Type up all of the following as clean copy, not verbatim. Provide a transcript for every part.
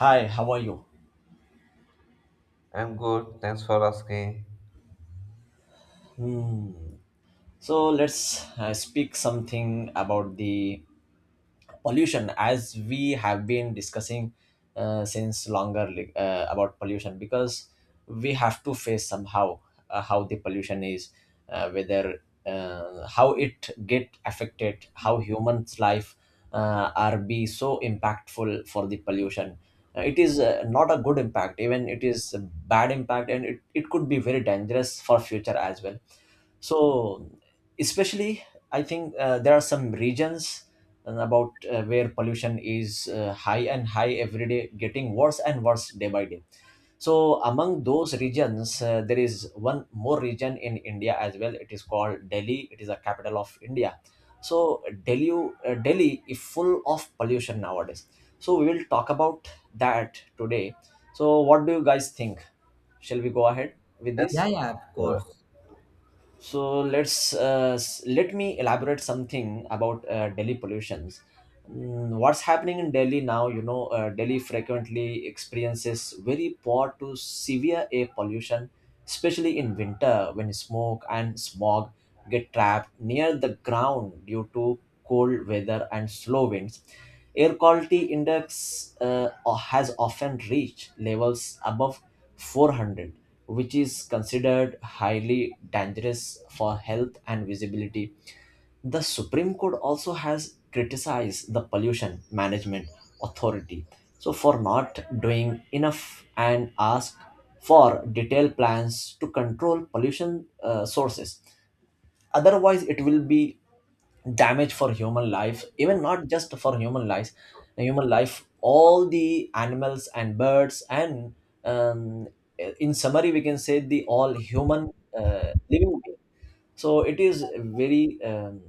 Hi, how are you? I'm good. Thanks for asking. Hmm. So let's speak something about the pollution as we have been discussing since longer about pollution because we have to face somehow how the pollution is, whether, how it get affected, how humans life are be so impactful for the pollution. It is not a good impact, even it is a bad impact, and it could be very dangerous for future as well. So, especially, I think there are some regions about, where pollution is high and high every day, getting worse and worse day by day. So among those regions, there is one more region in India as well. It is called Delhi. It is a capital of India. So Delhi, Delhi is full of pollution nowadays. So we will talk about that today. So what do you guys think? Shall we go ahead with Yes, Yeah, this? yeah, of course. So let me elaborate something about Delhi pollutions. What's happening in Delhi now? You know, Delhi frequently experiences very poor to severe air pollution, especially in winter when smoke and smog get trapped near the ground due to cold weather and slow winds. Air quality index has often reached levels above 400, which is considered highly dangerous for health and visibility. The Supreme Court also has criticized the Pollution Management Authority for not doing enough and asked for detailed plans to control pollution sources, otherwise it will be damage for human life. Even not just for human life, human life, all the animals and birds and, um, in summary, we can say the all human living beings. So it is very,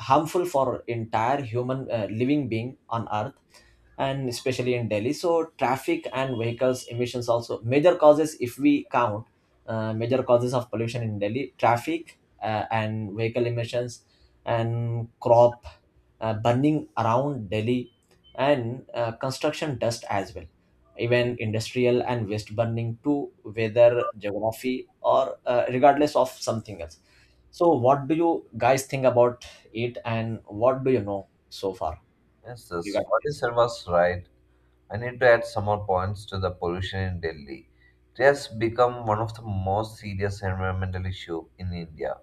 harmful for entire human living being on earth, and especially in Delhi. So traffic and vehicles emissions also major causes. If we count major causes of pollution in Delhi: traffic, and vehicle emissions, and crop, burning around Delhi, and construction dust as well, even industrial and waste burning, to weather geography or regardless of something else. So, what do you guys think about it, and what do you know so far yes. regarding What you this? said was right. I need to add some more points to the pollution in Delhi. It has become one of the most serious environmental issue in India.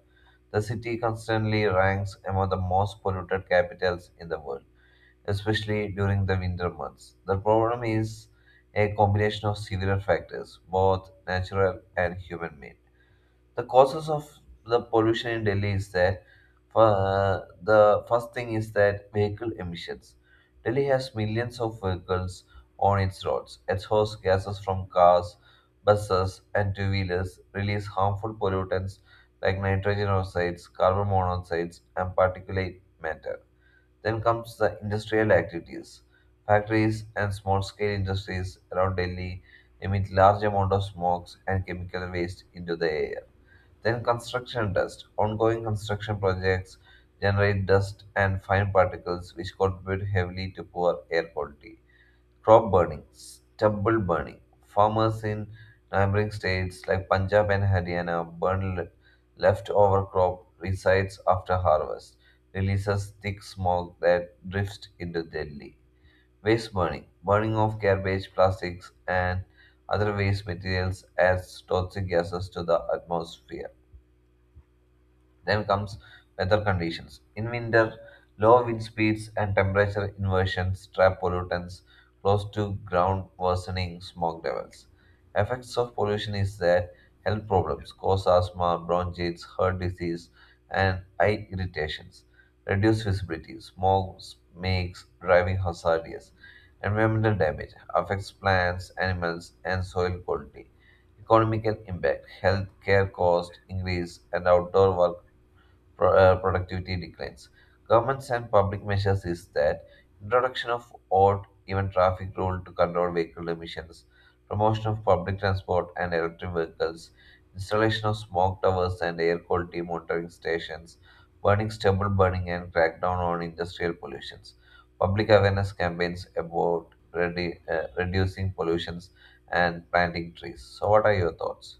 The city constantly ranks among the most polluted capitals in the world, especially during the winter months. The problem is a combination of several factors, both natural and human-made. The causes of the pollution in Delhi is that the first thing is that vehicle emissions. Delhi has millions of vehicles on its roads. Exhaust gases from cars, buses, and two wheelers release harmful pollutants like nitrogen oxides, carbon monoxides, and particulate matter. Then comes the industrial activities. Factories and small scale industries around Delhi emit large amount of smokes and chemical waste into the air. Then construction dust. Ongoing construction projects generate dust and fine particles which contribute heavily to poor air quality. Crop burning, stubble burning. Farmers in neighboring states like Punjab and Haryana burn leftover crop resides after harvest, releases thick smoke that drifts into Delhi. Waste burning. Burning of garbage, plastics, and other waste materials adds toxic gases to the atmosphere. Then comes weather conditions. In winter, low wind speeds and temperature inversions trap pollutants close to ground, worsening smog levels. Effects of pollution is that health problems cause asthma, bronchitis, heart disease, and eye irritations. Reduced visibility. Smog makes driving hazardous. Environmental damage affects plants, animals, and soil quality. Economical impact, healthcare cost increase, and outdoor work productivity declines. Governments and public measures is that introduction of odd even traffic rule to control vehicle emissions, promotion of public transport and electric vehicles, installation of smoke towers and air quality monitoring stations, burning stubble burning and crackdown on industrial pollutions, public awareness campaigns about reducing pollutions and planting trees. So what are your thoughts?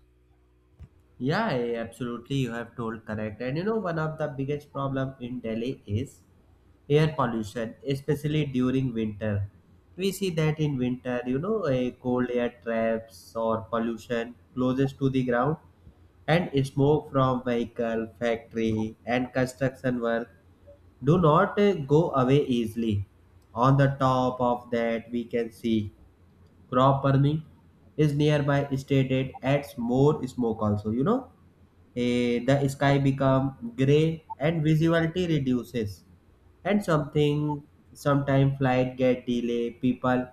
Yeah, yeah, absolutely. You have told correct. And you know, one of the biggest problem in Delhi is air pollution, especially during winter. We see that in winter, you know, a cold air traps or pollution closest to the ground, and smoke from vehicle, factory, and construction work do not go away easily. On the top of that, we can see crop farming is nearby state. It adds more smoke also, you know. The sky become gray and visibility reduces, and something sometime flight get delay, people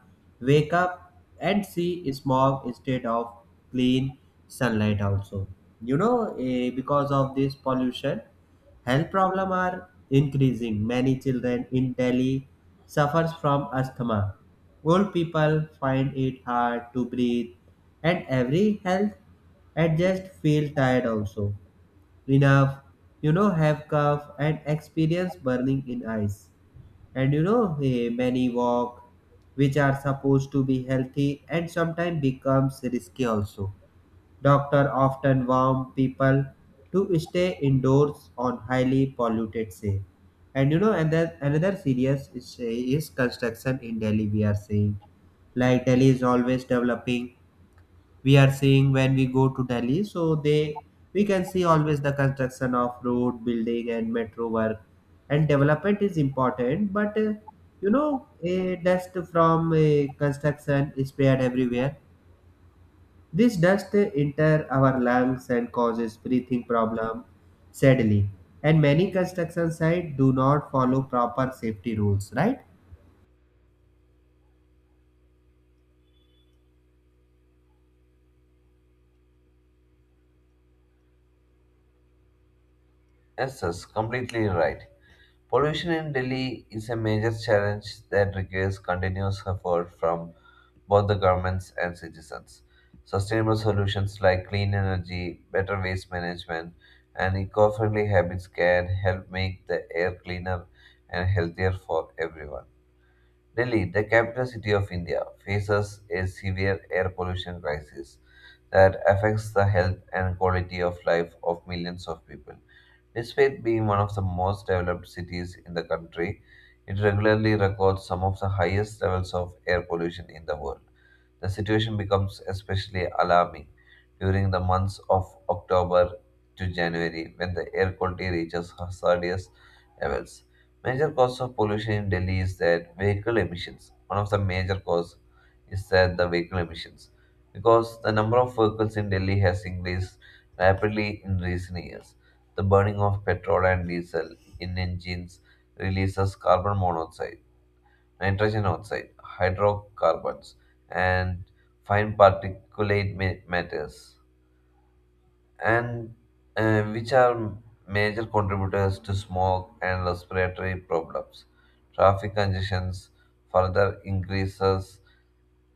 wake up and see smog instead of clean sunlight also, you know. Because of this pollution, health problems are increasing. Many children in Delhi suffers from asthma. Old people find it hard to breathe and every health adjust feel tired also. Enough, you know, have cough and experience burning in eyes. And you know, many walk which are supposed to be healthy and sometimes becomes risky also. Doctors often warn people to stay indoors on highly polluted day. And you know, and then another serious is construction in Delhi. We are seeing like Delhi is always developing. We are seeing when we go to Delhi, so they we can see always the construction of road, building, and metro work. And development is important, but you know, a dust from construction is spread everywhere. This dust enters our lungs and causes breathing problem, sadly. And many construction sites do not follow proper safety rules, right? Yes, that's completely right. Pollution in Delhi is a major challenge that requires continuous effort from both the governments and citizens. Sustainable solutions like clean energy, better waste management, and eco friendly habits can help make the air cleaner and healthier for everyone. Delhi, the capital city of India, faces a severe air pollution crisis that affects the health and quality of life of millions of people. Despite being one of the most developed cities in the country, it regularly records some of the highest levels of air pollution in the world. The situation becomes especially alarming during the months of October to January when the air quality reaches hazardous levels. Major cause of pollution in Delhi is that vehicle emissions. One of the major cause is that the vehicle emissions because the number of vehicles in Delhi has increased rapidly in recent years. The burning of petrol and diesel in engines releases carbon monoxide nitrogen oxide, hydrocarbons, and fine particulate matters, and which are major contributors to smoke and respiratory problems. Traffic congestions further increases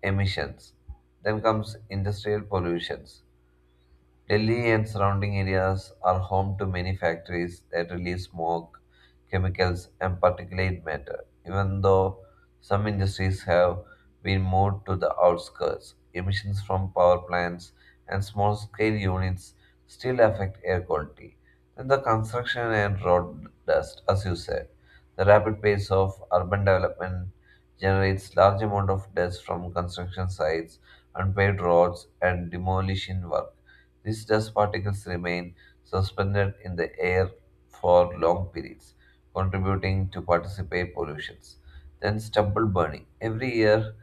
emissions. Then comes industrial pollutions. Delhi and surrounding areas are home to many factories that release smoke, chemicals, and particulate matter. Even though some industries have been moved to the outskirts, emissions from power plants and small scale units still affect air quality. Then the construction and road dust, as you said. The rapid pace of urban development generates large amount of dust from construction sites, unpaved roads, and demolition work these dust particles remain suspended in the air for long periods, contributing to participate pollutions. Then stubble burning. Every year,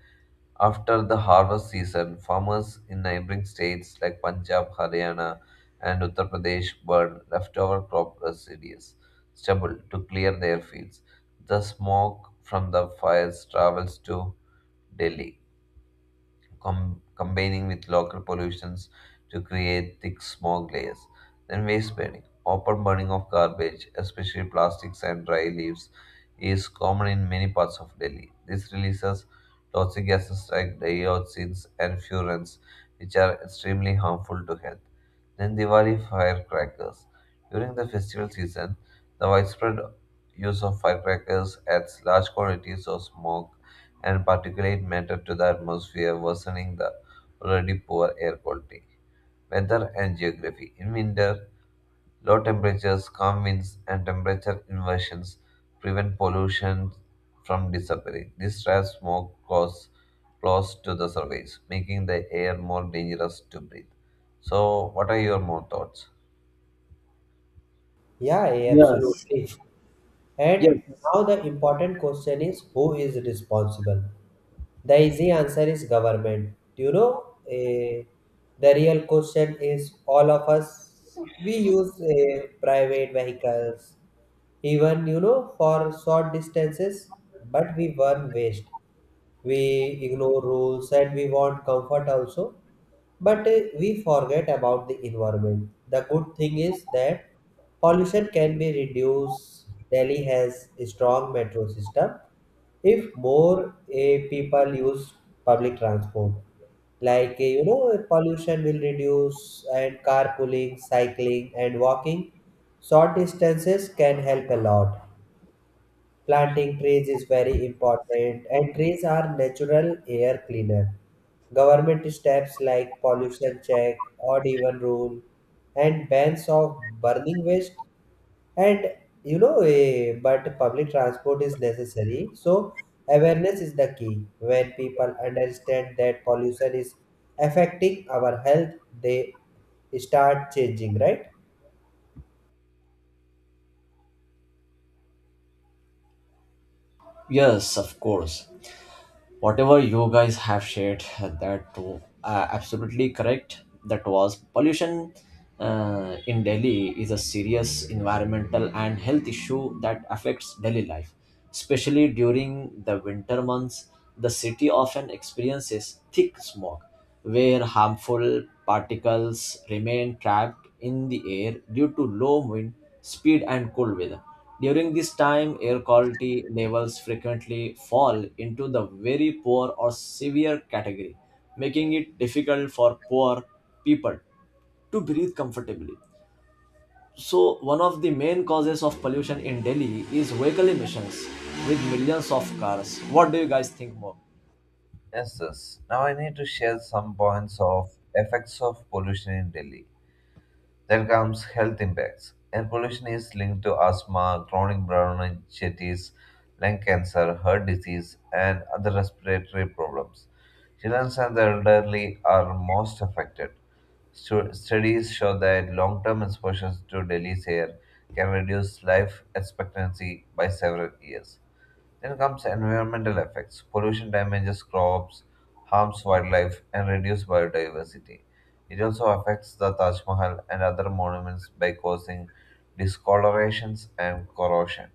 after the harvest season, farmers in neighboring states like Punjab, Haryana, and Uttar Pradesh burn leftover crop residues, stubble, to clear their fields. The smoke from the fires travels to Delhi, combining with local pollutions to create thick smog layers. Then waste burning. Open burning of garbage, especially plastics and dry leaves, is common in many parts of Delhi. This releases toxic gases like dioxins and furans, which are extremely harmful to health. Then Diwali firecrackers. During the festival season, the widespread use of firecrackers adds large quantities of smoke and particulate matter to the atmosphere, worsening the already poor air quality. Weather and geography. In winter, low temperatures, calm winds, and temperature inversions prevent pollution from disappearing. This traps smoke cause close to the surface, making the air more dangerous to breathe. So, what are your more thoughts? Yeah, yeah, Yes, absolutely. And yes, now the important question is, who is responsible? The easy answer is government. You know, eh, the real question is all of us. We use private vehicles, even, you know, for short distances, but we burn waste. We ignore rules and we want comfort also, but we forget about the environment. The good thing is that pollution can be reduced. Delhi has a strong metro system. If more people use public transport, like you know, pollution will reduce, and carpooling, cycling, and walking short distances can help a lot. Planting trees is very important, and trees are natural air cleaner. Government steps like pollution check, odd even rule, and bans of burning waste, and you know, but public transport is necessary. So awareness is the key. When people understand that pollution is affecting our health, they start changing, right? yes, of course. Whatever you guys have shared, that, absolutely correct. That was pollution in Delhi is a serious environmental and health issue that affects daily life, especially during the winter months. The city often experiences thick smog where harmful particles remain trapped in the air due to low wind speed and cold weather. During this time, air quality levels frequently fall into the very poor or severe category, making it difficult for poor people to breathe comfortably. So, one of the main causes of pollution in Delhi is vehicle emissions with millions of cars. What do you guys think more? Yes. Now I need to share some points of effects of pollution in Delhi. Then comes health impacts. Air pollution is linked to asthma, chronic bronchitis, lung cancer, heart disease, and other respiratory problems. Children and the elderly are most affected. Studies show that long term exposure to Delhi's air can reduce life expectancy by several years. Then comes environmental effects. Pollution damages crops, harms wildlife, and reduces biodiversity. It also affects the Taj Mahal and other monuments by causing discolorations and corrosion.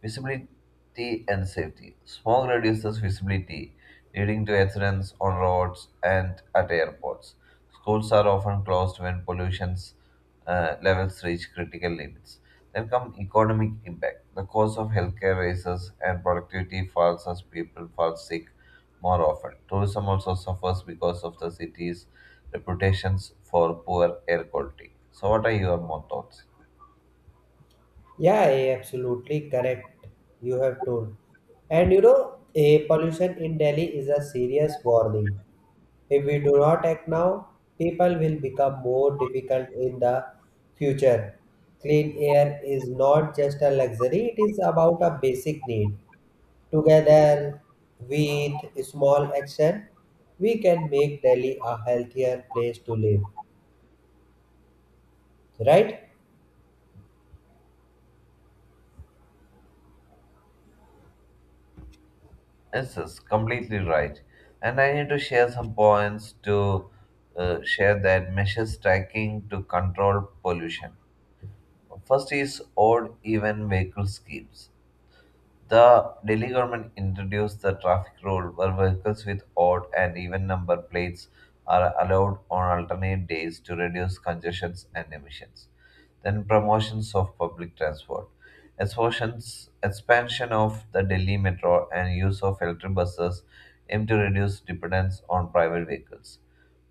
Visibility and safety. Smog reduces visibility, leading to accidents on roads and at airports. Schools are often closed when pollution levels reach critical limits. Then come economic impact. The cost of healthcare rises and productivity falls as people fall sick more often. Tourism also suffers because of the city's reputations for poor air quality. So, what are your more thoughts? Yeah, absolutely correct. You have told. And you know, a pollution in Delhi is a serious warning. If we do not act now, people will become more difficult in the future. Clean air is not just a luxury, it is about a basic need. Together with small action, we can make Delhi a healthier place to live. Right? Yes, Completely right. And I need to share some points to share that measures tracking to control pollution. First is odd even vehicle schemes. The Delhi government introduced the traffic rule where vehicles with odd and even number plates are allowed on alternate days to reduce congestions and emissions. Then promotions of public transport. Expansion of the Delhi metro and use of electric buses aim to reduce dependence on private vehicles.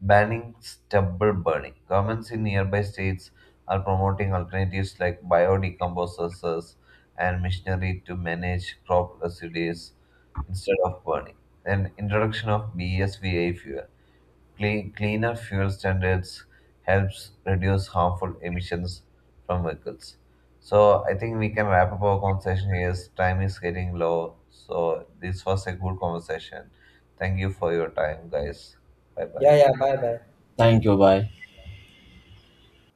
Banning stubble burning. Governments in nearby states are promoting alternatives like biodecomposers and machinery to manage crop residues instead of burning. Then introduction of BSVA fuel. Cleaner fuel standards helps reduce harmful emissions from vehicles. So I think we can wrap up our conversation here, as time is getting low. So this was a good conversation. Thank you for your time, guys. Bye bye. Yeah, yeah, bye bye. Thank you. Bye.